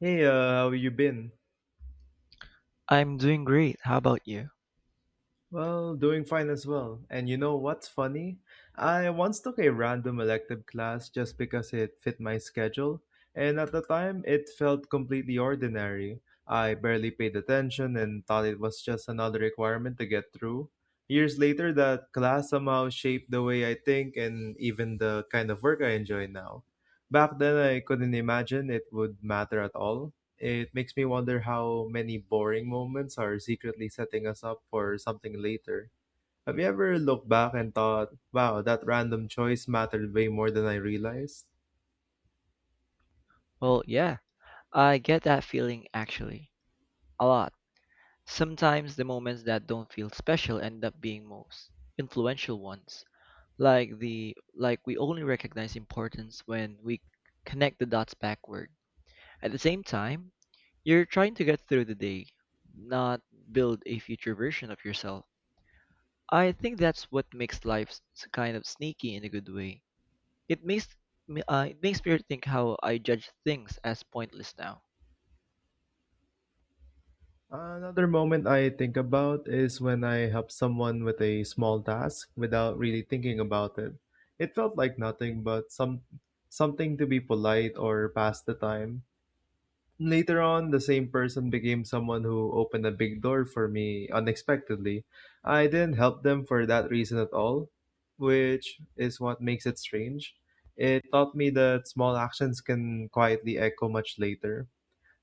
Hey, how you been? I'm doing great. How about you? Well, doing fine as well. And you know what's funny? I once took a random elective class just because it fit my schedule, and at the time it felt completely ordinary. I barely paid attention and thought it was just another requirement to get through. Years later, that class somehow shaped the way I think and even the kind of work I enjoy now. Back then, I couldn't imagine it would matter at all. It makes me wonder how many boring moments are secretly setting us up for something later. Have you ever looked back and thought, wow, that random choice mattered way more than I realized? Well, yeah, I get that feeling actually a lot. Sometimes the moments that don't feel special end up being most influential ones. Like we only recognize importance when we connect the dots backward. At the same time, you're trying to get through the day, not build a future version of yourself. I think that's what makes life kind of sneaky in a good way. It makes it makes me think how I judge things as pointless now. Another moment I think about is when I help someone with a small task without really thinking about it. It felt like nothing but some something to be polite or pass the time. Later on, the same person became someone who opened a big door for me unexpectedly. I didn't help them for that reason at all, which is what makes it strange. It taught me that small actions can quietly echo much later.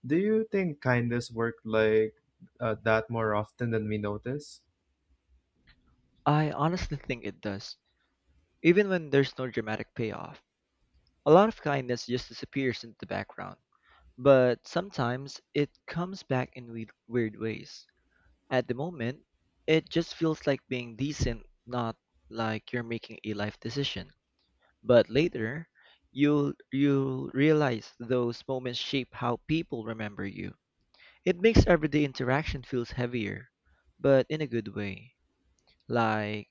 Do you think kindness worked like that more often than we notice? I honestly think it does, even when there's no dramatic payoff. A lot of kindness just disappears into the background, but sometimes it comes back in weird, weird ways. At the moment, it just feels like being decent, not like you're making a life decision. But later, you'll realize those moments shape how people remember you. It makes everyday interaction feels heavier, but in a good way. Like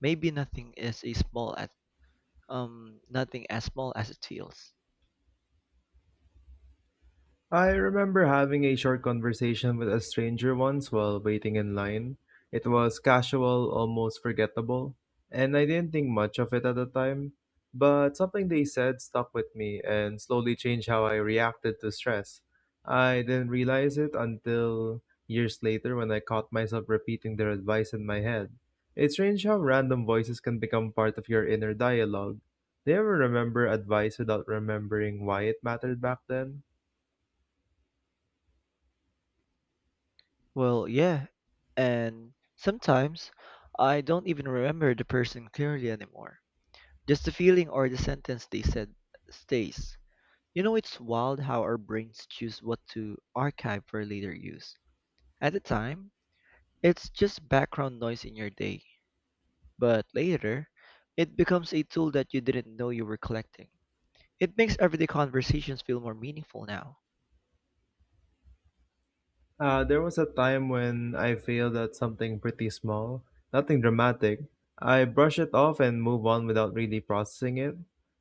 maybe nothing is as small as nothing as small as it feels. I remember having a short conversation with a stranger once while waiting in line. It was casual, almost forgettable, and I didn't think much of it at the time. But something they said stuck with me and slowly changed how I reacted to stress. I didn't realize it until years later when I caught myself repeating their advice in my head. It's strange how random voices can become part of your inner dialogue. Do you ever remember advice without remembering why it mattered back then? Well, yeah, and sometimes I don't even remember the person clearly anymore. Just the feeling or the sentence they said stays. It's wild how our brains choose what to archive for later use. At the time, it's just background noise in your day, but later, it becomes a tool that you didn't know you were collecting. It makes everyday conversations feel more meaningful now. There was a time when I failed at something pretty small, nothing dramatic. I brushed it off and moved on without really processing it.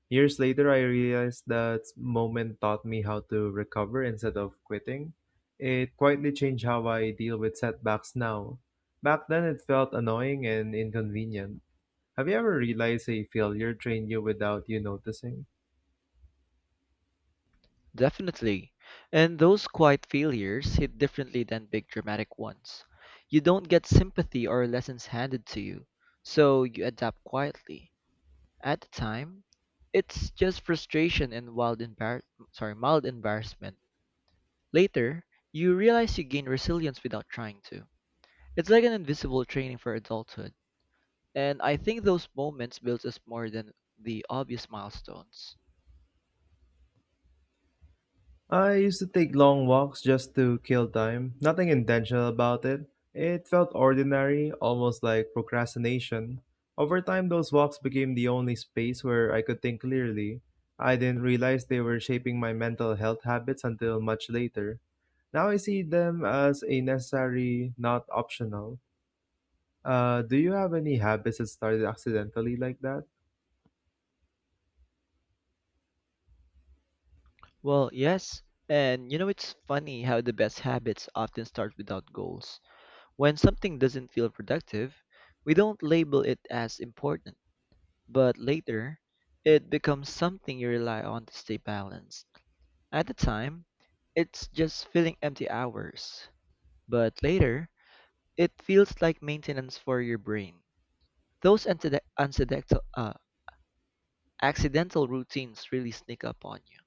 Years later, I realized that moment taught me how to recover instead of quitting. It quietly changed how I deal with setbacks now. Back then, it felt annoying and inconvenient. Have you ever realized a failure trained you without you noticing? Definitely. And those quiet failures hit differently than big dramatic ones. You don't get sympathy or lessons handed to you, so you adapt quietly. At the time, it's just frustration and mild embarrassment. Later, you realize you gain resilience without trying to. It's like an invisible training for adulthood, and I think those moments build us more than the obvious milestones. I used to take long walks just to kill time, nothing intentional about it. It felt ordinary, almost like procrastination. Over time, those walks became the only space where I could think clearly. I didn't realize they were shaping my mental health habits until much later. Now I see them as a necessary, not optional. Do you have any habits that started accidentally like that? Well, yes. And it's funny how the best habits often start without goals. When something doesn't feel productive, we don't label it as important, but later, it becomes something you rely on to stay balanced. At the time, it's just filling empty hours, but later, it feels like maintenance for your brain. Those accidental routines really sneak up on you.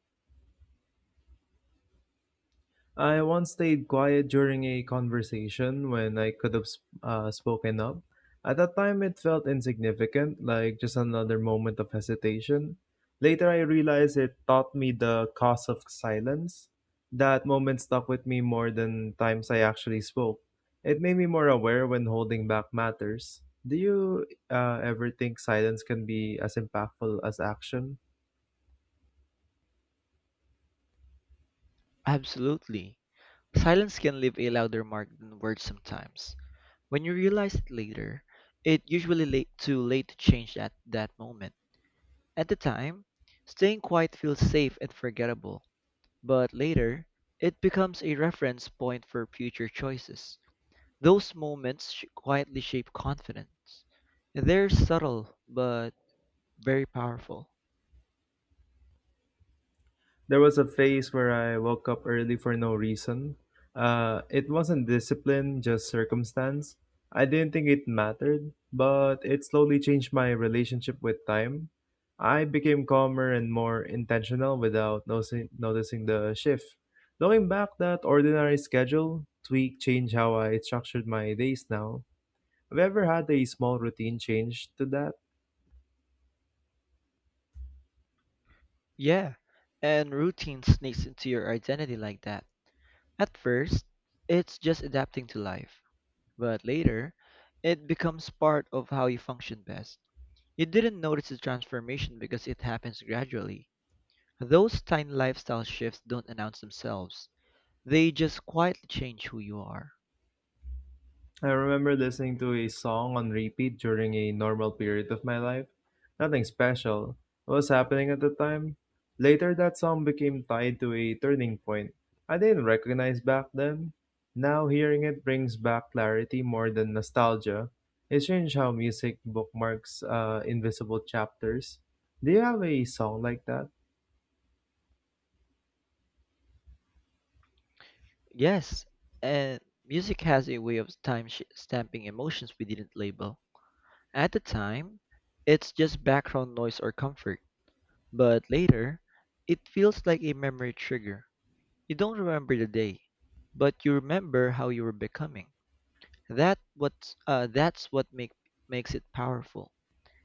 I once stayed quiet during a conversation when I could have spoken up. At that time, it felt insignificant, like just another moment of hesitation. Later, I realized it taught me the cost of silence. That moment stuck with me more than times I actually spoke. It made me more aware when holding back matters. Do you ever think silence can be as impactful as action? Absolutely. Silence can leave a louder mark than words sometimes. When you realize it later, it usually late too late to change at that moment. At the time, staying quiet feels safe and forgettable, but later, it becomes a reference point for future choices. Those moments quietly shape confidence. They're subtle, but very powerful. There was a phase where I woke up early for no reason. It wasn't discipline, just circumstance. I didn't think it mattered, but it slowly changed my relationship with time. I became calmer and more intentional without noticing the shift. Looking back, that ordinary schedule tweak changed how I structured my days now. Have you ever had a small routine change to that? Yeah, and routine sneaks into your identity like that. At first, it's just adapting to life. But later, it becomes part of how you function best. You didn't notice the transformation because it happens gradually. Those tiny lifestyle shifts don't announce themselves, they just quietly change who you are. I remember listening to a song on repeat during a normal period of my life. Nothing special was happening at the time. Later, that song became tied to a turning point I didn't recognize back then. Now, hearing it brings back clarity more than nostalgia. It's strange how music bookmarks invisible chapters. Do you have a song like that? Yes, and music has a way of time stamping emotions we didn't label. At the time, it's just background noise or comfort, but later, it feels like a memory trigger. You don't remember the day, but you remember how you were becoming. That's what makes it powerful.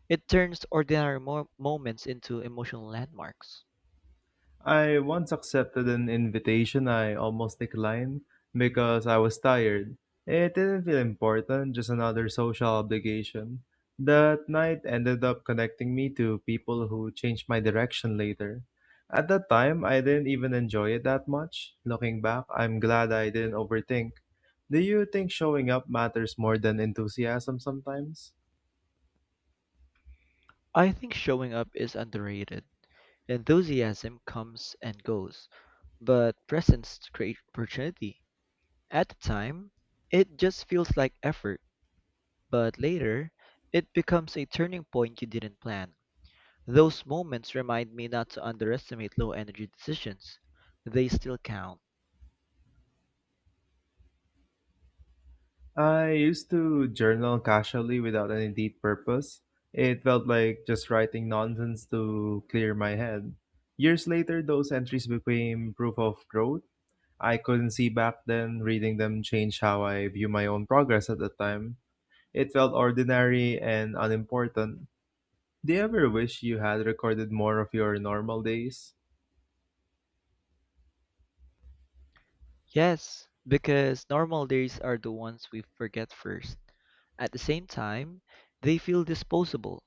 It turns ordinary moments into emotional landmarks. I once accepted an invitation I almost declined because I was tired. It didn't feel important, just another social obligation. That night ended up connecting me to people who changed my direction later. At that time, I didn't even enjoy it that much. Looking back, I'm glad I didn't overthink. Do you think showing up matters more than enthusiasm sometimes? I think showing up is underrated. Enthusiasm comes and goes, but presence creates opportunity. At the time, it just feels like effort, but later, it becomes a turning point you didn't plan. Those moments remind me not to underestimate low energy decisions. They still count. I used to journal casually without any deep purpose. It felt like just writing nonsense to clear my head. Years later, those entries became proof of growth. I couldn't see back then, reading them changed how I view my own progress at the time. It felt ordinary and unimportant. Do you ever wish you had recorded more of your normal days? Yes, because normal days are the ones we forget first. At the same time, they feel disposable.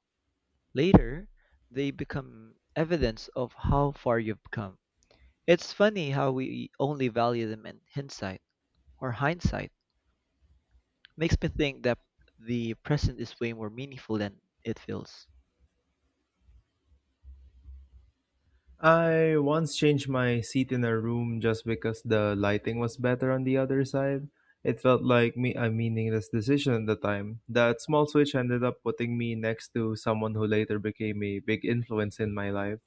Later, they become evidence of how far you've come. It's funny how we only value them in hindsight. Makes me think that the present is way more meaningful than it feels. I once changed my seat in a room just because the lighting was better on the other side. It felt like me a meaningless decision at the time. That small switch ended up putting me next to someone who later became a big influence in my life.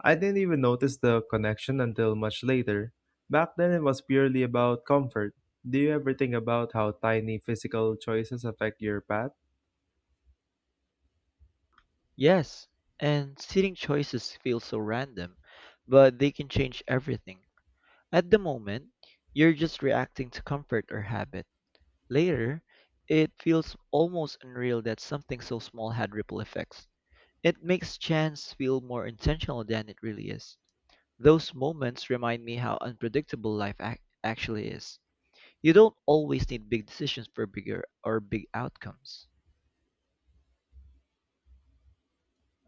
I didn't even notice the connection until much later. Back then it was purely about comfort. Do you ever think about how tiny physical choices affect your path? Yes, and seating choices feel so random, but they can change everything. At the moment, you're just reacting to comfort or habit. Later, it feels almost unreal that something so small had ripple effects. It makes chance feel more intentional than it really is. Those moments remind me how unpredictable life actually is. You don't always need big decisions for big outcomes.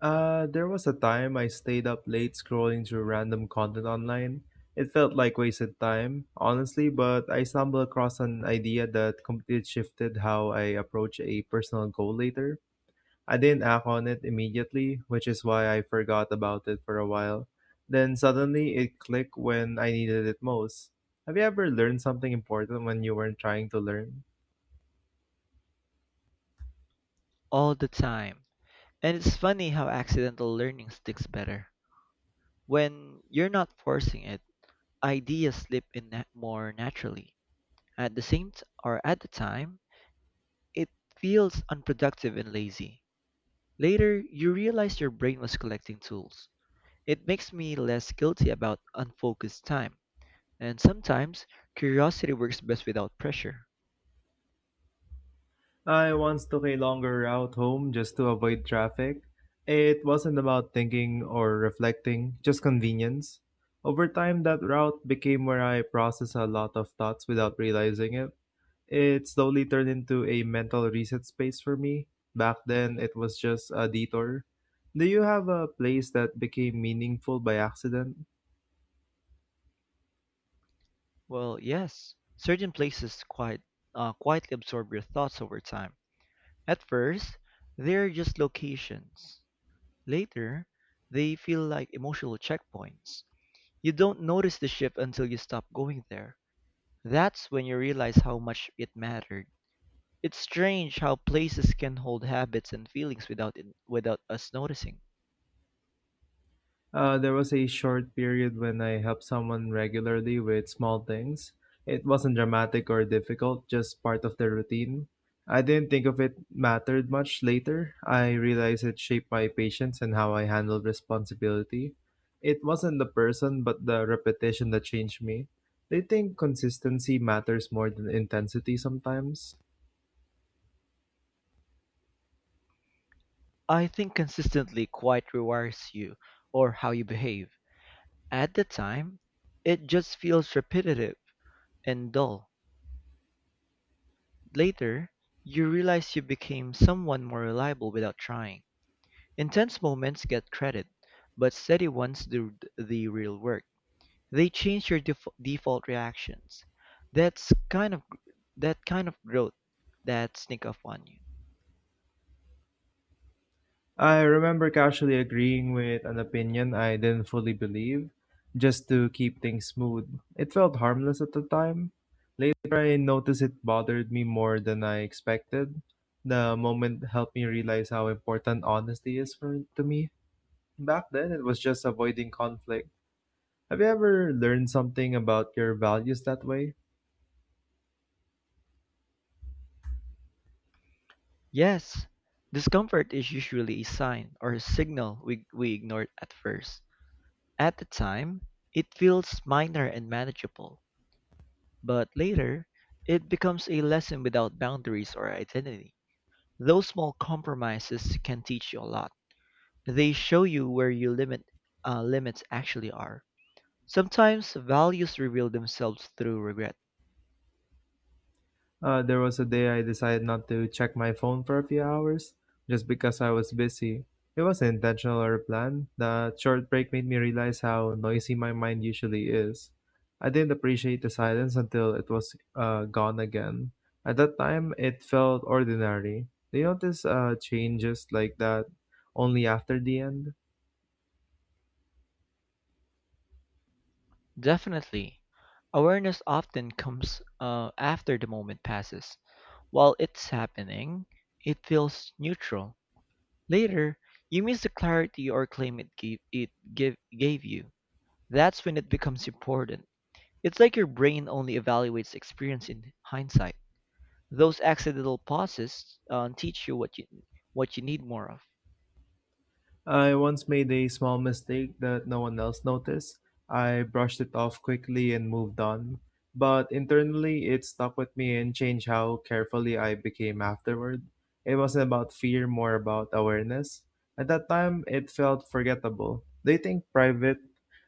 There was a time I stayed up late scrolling through random content online. It felt like wasted time, honestly, but I stumbled across an idea that completely shifted how I approach a personal goal later. I didn't act on it immediately, which is why I forgot about it for a while. Then suddenly it clicked when I needed it most. Have you ever learned something important when you weren't trying to learn? All the time. And it's funny how accidental learning sticks better. When you're not forcing it, ideas slip in more naturally. At the same t- or at the time, it feels unproductive and lazy. Later, you realize your brain was collecting tools. It makes me less guilty about unfocused time. And sometimes, curiosity works best without pressure. I once took a longer route home just to avoid traffic. It wasn't about thinking or reflecting, just convenience. Over time, that route became where I process a lot of thoughts without realizing it. It slowly turned into a mental reset space for me. Back then, it was just a detour. Do you have a place that became meaningful by accident? Well, yes, certain places quietly absorb your thoughts over time. At first, they're just locations. Later, they feel like emotional checkpoints. You don't notice the shift until you stop going there. That's when you realize how much it mattered. It's strange how places can hold habits and feelings without us noticing. There was a short period when I helped someone regularly with small things. It wasn't dramatic or difficult, just part of the routine. I didn't think of it mattered much later. I realized it shaped my patience and how I handled responsibility. It wasn't the person, but the repetition that changed me. They think consistency matters more than intensity sometimes. I think consistently quite rewires you or how you behave. At the time, it just feels repetitive and dull. Later, you realize you became someone more reliable without trying. Intense moments get credit, but steady ones do the real work. They change your default reactions. That's kind of gr- that kind of growth that sneak up on you. I remember casually agreeing with an opinion I didn't fully believe, just to keep things smooth. It felt harmless at the time. Later, I noticed it bothered me more than I expected. The moment helped me realize how important honesty is for, to me. Back then, it was just avoiding conflict. Have you ever learned something about your values that way? Yes, discomfort is usually a sign or a signal we ignore at first. At the time, it feels minor and manageable, but later, it becomes a lesson without boundaries or identity. Those small compromises can teach you a lot. They show you where your limits actually are. Sometimes, values reveal themselves through regret. There was a day I decided not to check my phone for a few hours just because I was busy. It wasn't intentional or planned. The short break made me realize how noisy my mind usually is. I didn't appreciate the silence until it was gone again. At that time, it felt ordinary. Do you notice changes like that only after the end? Definitely. Awareness often comes after the moment passes. While it's happening, it feels neutral. Later, you miss the clarity or claim it gave you. That's when it becomes important. It's like your brain only evaluates experience in hindsight. Those accidental pauses teach you what you need more of. I once made a small mistake that no one else noticed. I brushed it off quickly and moved on. But internally, it stuck with me and changed how carefully I became afterward. It wasn't about fear, more about awareness. At that time, it felt forgettable. They think private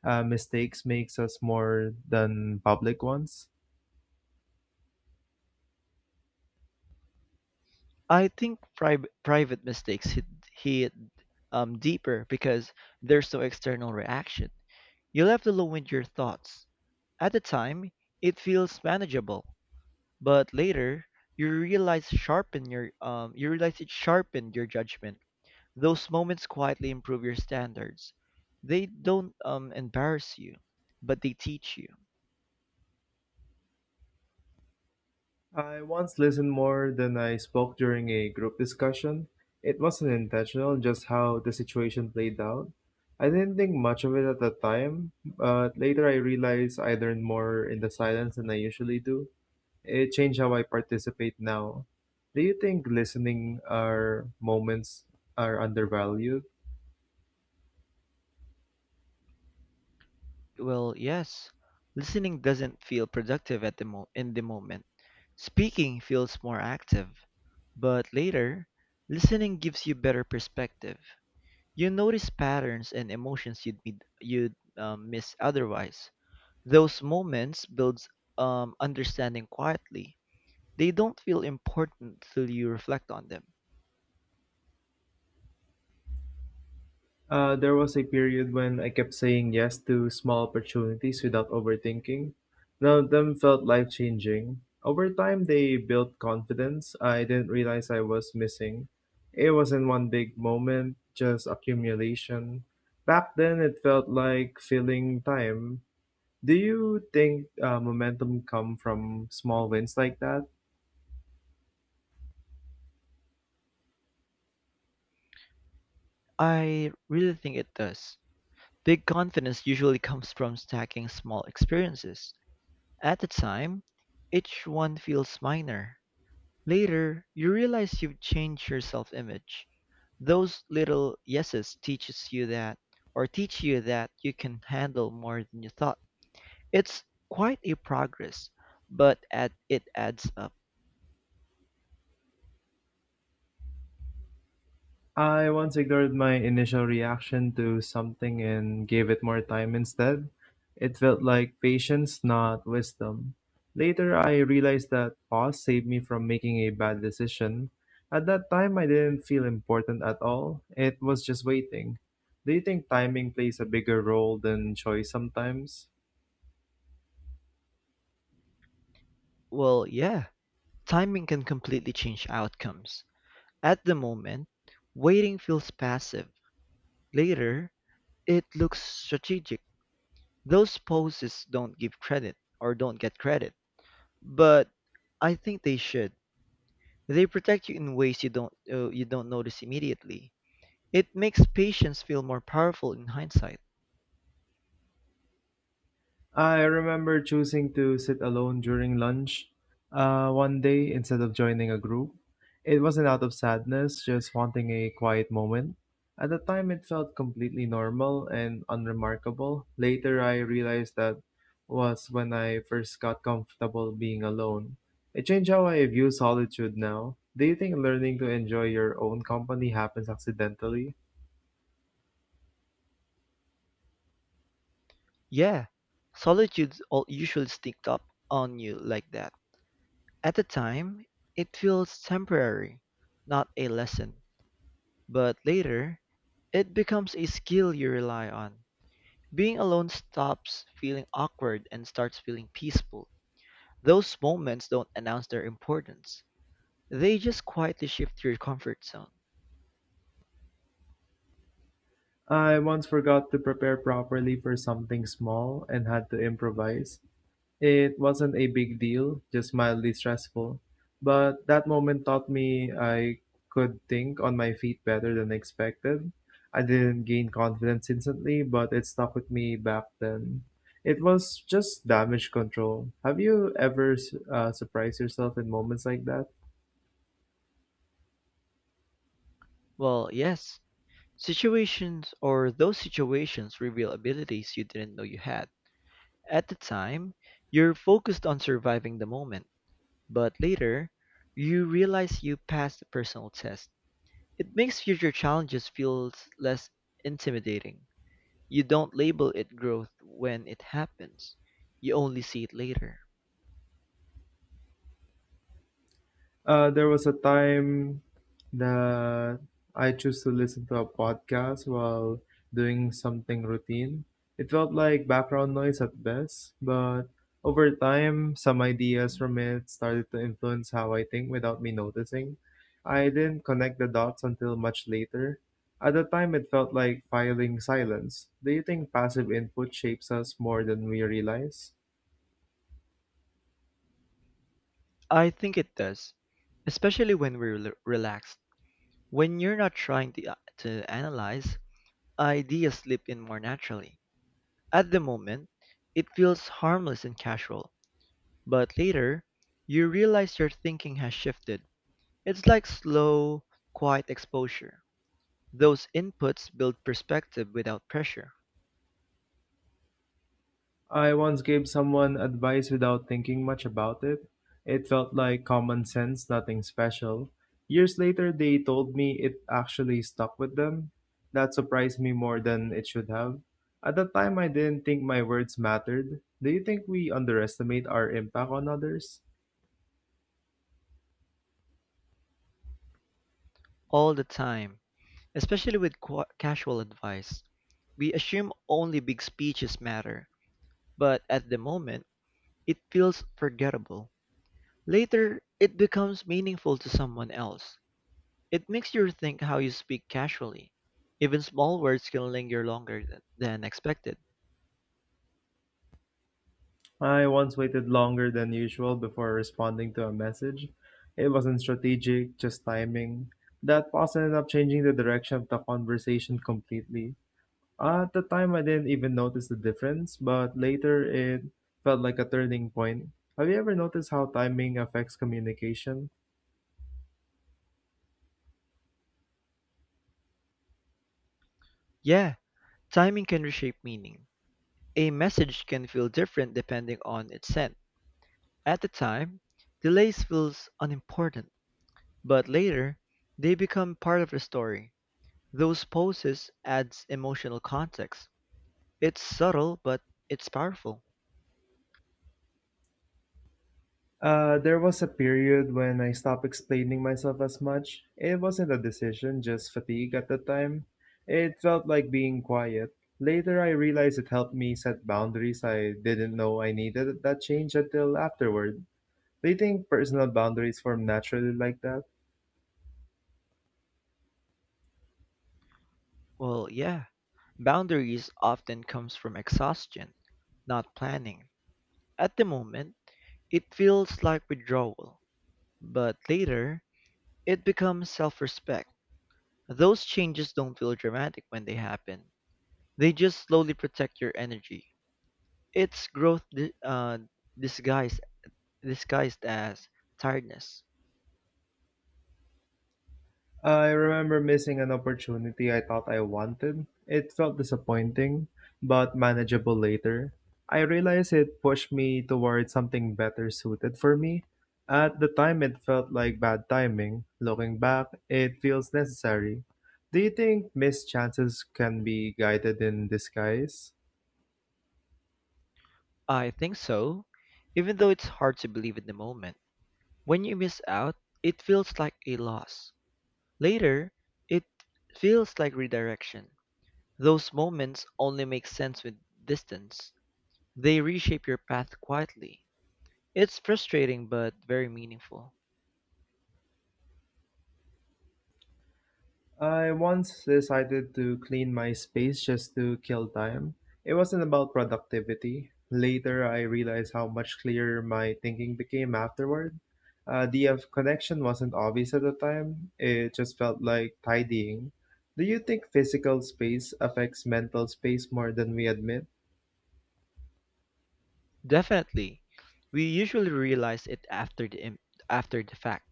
mistakes makes us more than public ones. I think private mistakes hit deeper because there's no external reaction. You left alone with your thoughts. At the time, it feels manageable, but later you realize it sharpened your judgment. Those moments quietly improve your standards. They don't embarrass you, but they teach you. I once listened more than I spoke during a group discussion. It wasn't intentional, just how the situation played out. I didn't think much of it at the time, but later I realized I learned more in the silence than I usually do. It changed how I participate now. Do you think listening our moments are undervalued? Well, yes, listening doesn't feel productive at the mo- in the moment. Speaking feels more active, but later, listening gives you better perspective. You notice patterns and emotions you'd miss otherwise. Those moments builds understanding quietly. They don't feel important till you reflect on them. There was a period when I kept saying yes to small opportunities without overthinking. None of them felt life changing. Over time, they built confidence I didn't realize I was missing. It wasn't one big moment, just accumulation. Back then, it felt like filling time. Do you think momentum come from small wins like that? I really think it does. Big confidence usually comes from stacking small experiences. At the time, each one feels minor. Later, you realize you've changed your self-image. Those little yeses teach you that you can handle more than you thought. It's quite a progress, but at it adds up. I once ignored my initial reaction to something and gave it more time instead. It felt like patience, not wisdom. Later, I realized that pause saved me from making a bad decision. At that time, I didn't feel important at all. It was just waiting. Do you think timing plays a bigger role than choice sometimes? Well, yeah, timing can completely change outcomes. At the moment, waiting feels passive. Later, it looks strategic. Those poses don't get credit, but I think they should. They protect you in ways you don't notice immediately. It makes patience feel more powerful in hindsight. I remember choosing to sit alone during lunch one day instead of joining a group. It wasn't out of sadness, just wanting a quiet moment. At the time, it felt completely normal and unremarkable. Later, I realized that was when I first got comfortable being alone. It changed how I view solitude now. Do you think learning to enjoy your own company happens accidentally? Yeah, solitude all usually sneaks up on you like that. At the time, it feels temporary, not a lesson. But later, it becomes a skill you rely on. Being alone stops feeling awkward and starts feeling peaceful. Those moments don't announce their importance. They just quietly shift your comfort zone. I once forgot to prepare properly for something small and had to improvise. It wasn't a big deal, just mildly stressful. But that moment taught me I could think on my feet better than expected. I didn't gain confidence instantly, but it stuck with me back then. It was just damage control. Have you ever surprised yourself in moments like that? Well, yes, situations or those situations reveal abilities you didn't know you had. At the time, you're focused on surviving the moment. But later, you realize you passed the personal test. It makes future challenges feel less intimidating. You don't label it growth when it happens. You only see it later. There was a time that I chose to listen to a podcast while doing something routine. It felt like background noise at best, but over time, some ideas from it started to influence how I think without me noticing. I didn't connect the dots until much later. At the time, it felt like filing silence. Do you think passive input shapes us more than we realize? I think it does, especially when we're relaxed. When you're not trying to analyze, ideas slip in more naturally. At the moment, it feels harmless and casual, but later, you realize your thinking has shifted. It's like slow, quiet exposure. Those inputs build perspective without pressure. I once gave someone advice without thinking much about it. It felt like common sense, nothing special. Years later, they told me it actually stuck with them. That surprised me more than it should have. At the time, I didn't think my words mattered. Do you think we underestimate our impact on others? All the time, especially with qua casual advice. We assume only big speeches matter, but at the moment, it feels forgettable. Later, it becomes meaningful to someone else. It makes you rethink how you speak casually. Even small words can linger longer than expected. I once waited longer than usual before responding to a message. It wasn't strategic, just timing. That pause ended up changing the direction of the conversation completely. At the time, I didn't even notice the difference, but later it felt like a turning point. Have you ever noticed how timing affects communication? Yeah, timing can reshape meaning. A message can feel different depending on its send. At the time, delays feels unimportant, but later, they become part of the story. Those poses adds emotional context. It's subtle, but it's powerful. There was a period when I stopped explaining myself as much. It wasn't a decision, just fatigue at the time. It felt like being quiet. Later, I realized it helped me set boundaries I didn't know I needed that change until afterward. Do you think personal boundaries form naturally like that? Well, yeah. Boundaries often comes from exhaustion, not planning. At the moment, it feels like withdrawal, but later, it becomes self-respect. Those changes don't feel dramatic when they happen. They just slowly protect your energy. It's growth disguised disguised as tiredness. I remember missing an opportunity I thought I wanted. It felt disappointing, but manageable later. I realized it pushed me towards something better suited for me. At the time, it felt like bad timing. Looking back, it feels necessary. Do you think missed chances can be guided in disguise? I think so, even though it's hard to believe in the moment. When you miss out, it feels like a loss. Later, it feels like redirection. Those moments only make sense with distance. They reshape your path quietly. It's frustrating but very meaningful. I once decided to clean my space just to kill time. It wasn't about productivity. Later, I realized how much clearer my thinking became afterward. The connection wasn't obvious at the time, it just felt like tidying. Do you think physical space affects mental space more than we admit? Definitely. We usually realize it after the fact.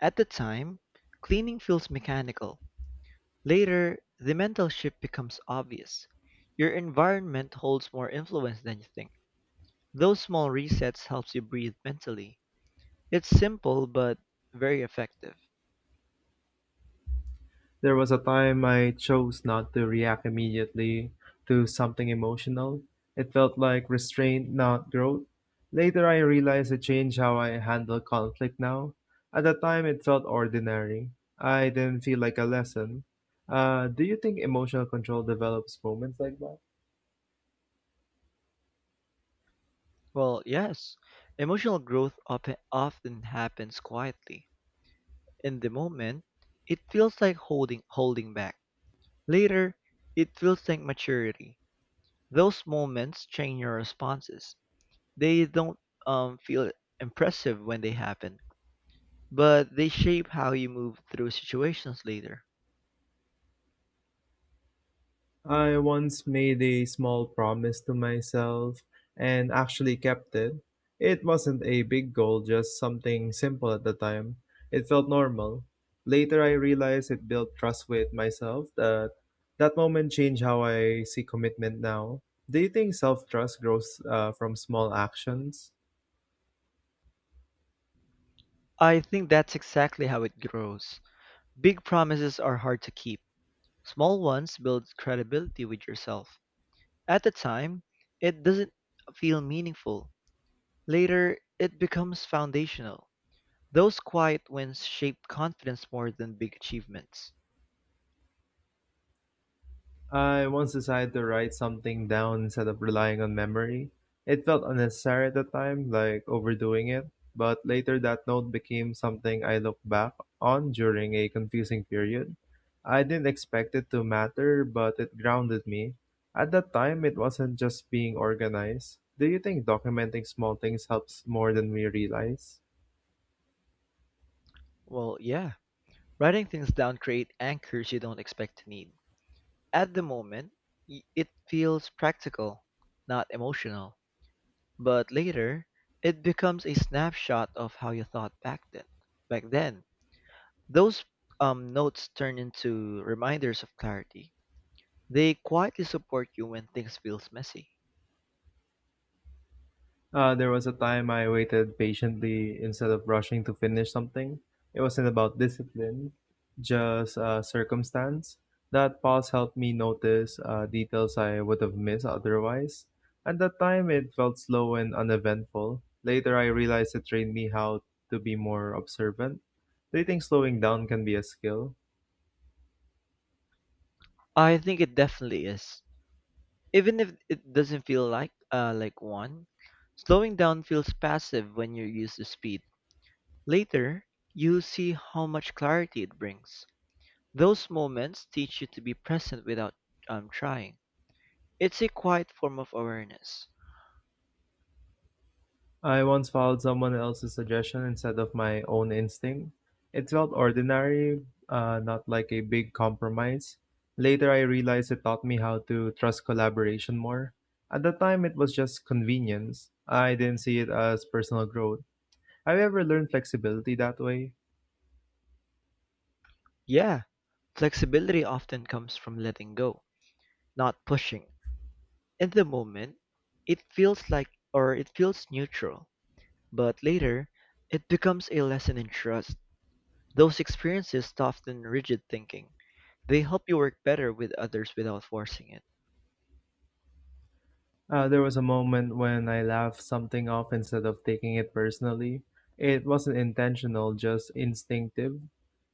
At the time, cleaning feels mechanical; later, the mental shift becomes obvious. Your environment holds more influence than you think. Those small resets helps you breathe mentally. It's simple but very effective. There was a time I chose not to react immediately to something emotional. It felt like restraint, not growth. Later, I realized it changed how I handle conflict now. At the time, it felt ordinary. I didn't feel like a lesson. Do you think emotional control develops moments like that? Well, yes, emotional growth often happens quietly. In the moment, it feels like holding back. Later, it feels like maturity. Those moments change your responses. They don't feel impressive when they happen, but they shape how you move through situations later. I once made a small promise to myself and actually kept it. It wasn't a big goal, just something simple at the time. It felt normal. Later, I realized it built trust with myself that that moment changed how I see commitment now. Do you think self trust grows from small actions? I think that's exactly how it grows. Big promises are hard to keep. Small ones build credibility with yourself. At the time, it doesn't feel meaningful. Later, it becomes foundational. Those quiet wins shape confidence more than big achievements. I once decided to write something down instead of relying on memory. It felt unnecessary at the time, like overdoing it, but later that note became something I looked back on during a confusing period. I didn't expect it to matter, but it grounded me. At that time, it wasn't just being organized. Do you think documenting small things helps more than we realize? Well, yeah, writing things down create anchors you don't expect to need. At the moment, it feels practical, not emotional. But later, it becomes a snapshot of how you thought back then. Back then, those notes turn into reminders of clarity. They quietly support you when things feels messy. There was a time I waited patiently instead of rushing to finish something. It wasn't about discipline, just circumstance. That pause helped me notice details I would have missed otherwise. At that time, it felt slow and uneventful. Later, I realized it trained me how to be more observant. Do you think slowing down can be a skill? I think it definitely is. Even if it doesn't feel like one, slowing down feels passive when you're used to speed. Later, you see how much clarity it brings. Those moments teach you to be present without trying. It's a quiet form of awareness. I once followed someone else's suggestion instead of my own instinct. It felt ordinary, not like a big compromise. Later, I realized it taught me how to trust collaboration more. At the time, it was just convenience. I didn't see it as personal growth. Have you ever learned flexibility that way? Yeah, flexibility often comes from letting go, not pushing. In the moment, it feels neutral, but later, it becomes a lesson in trust. Those experiences soften rigid thinking. They help you work better with others without forcing it. There was a moment when I laughed something off instead of taking it personally. It wasn't intentional, just instinctive.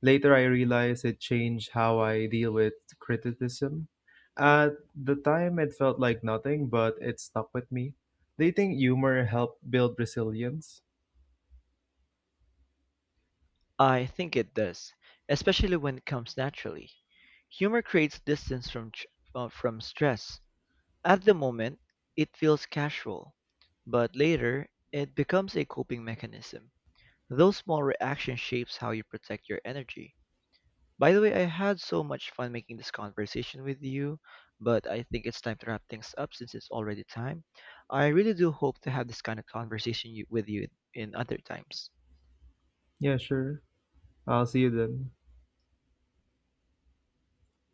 Later, I realized it changed how I deal with criticism. At the time, it felt like nothing, but it stuck with me. Do you think humor helped build resilience? I think it does, especially when it comes naturally. Humor creates distance from stress. At the moment, it feels casual, but later, it becomes a coping mechanism. Those small reactions shapes how you protect your energy. By the way, I had so much fun making this conversation with you, but I think it's time to wrap things up since it's already time. I really do hope to have this kind of conversation with you in other times. Yeah, sure. I'll see you then.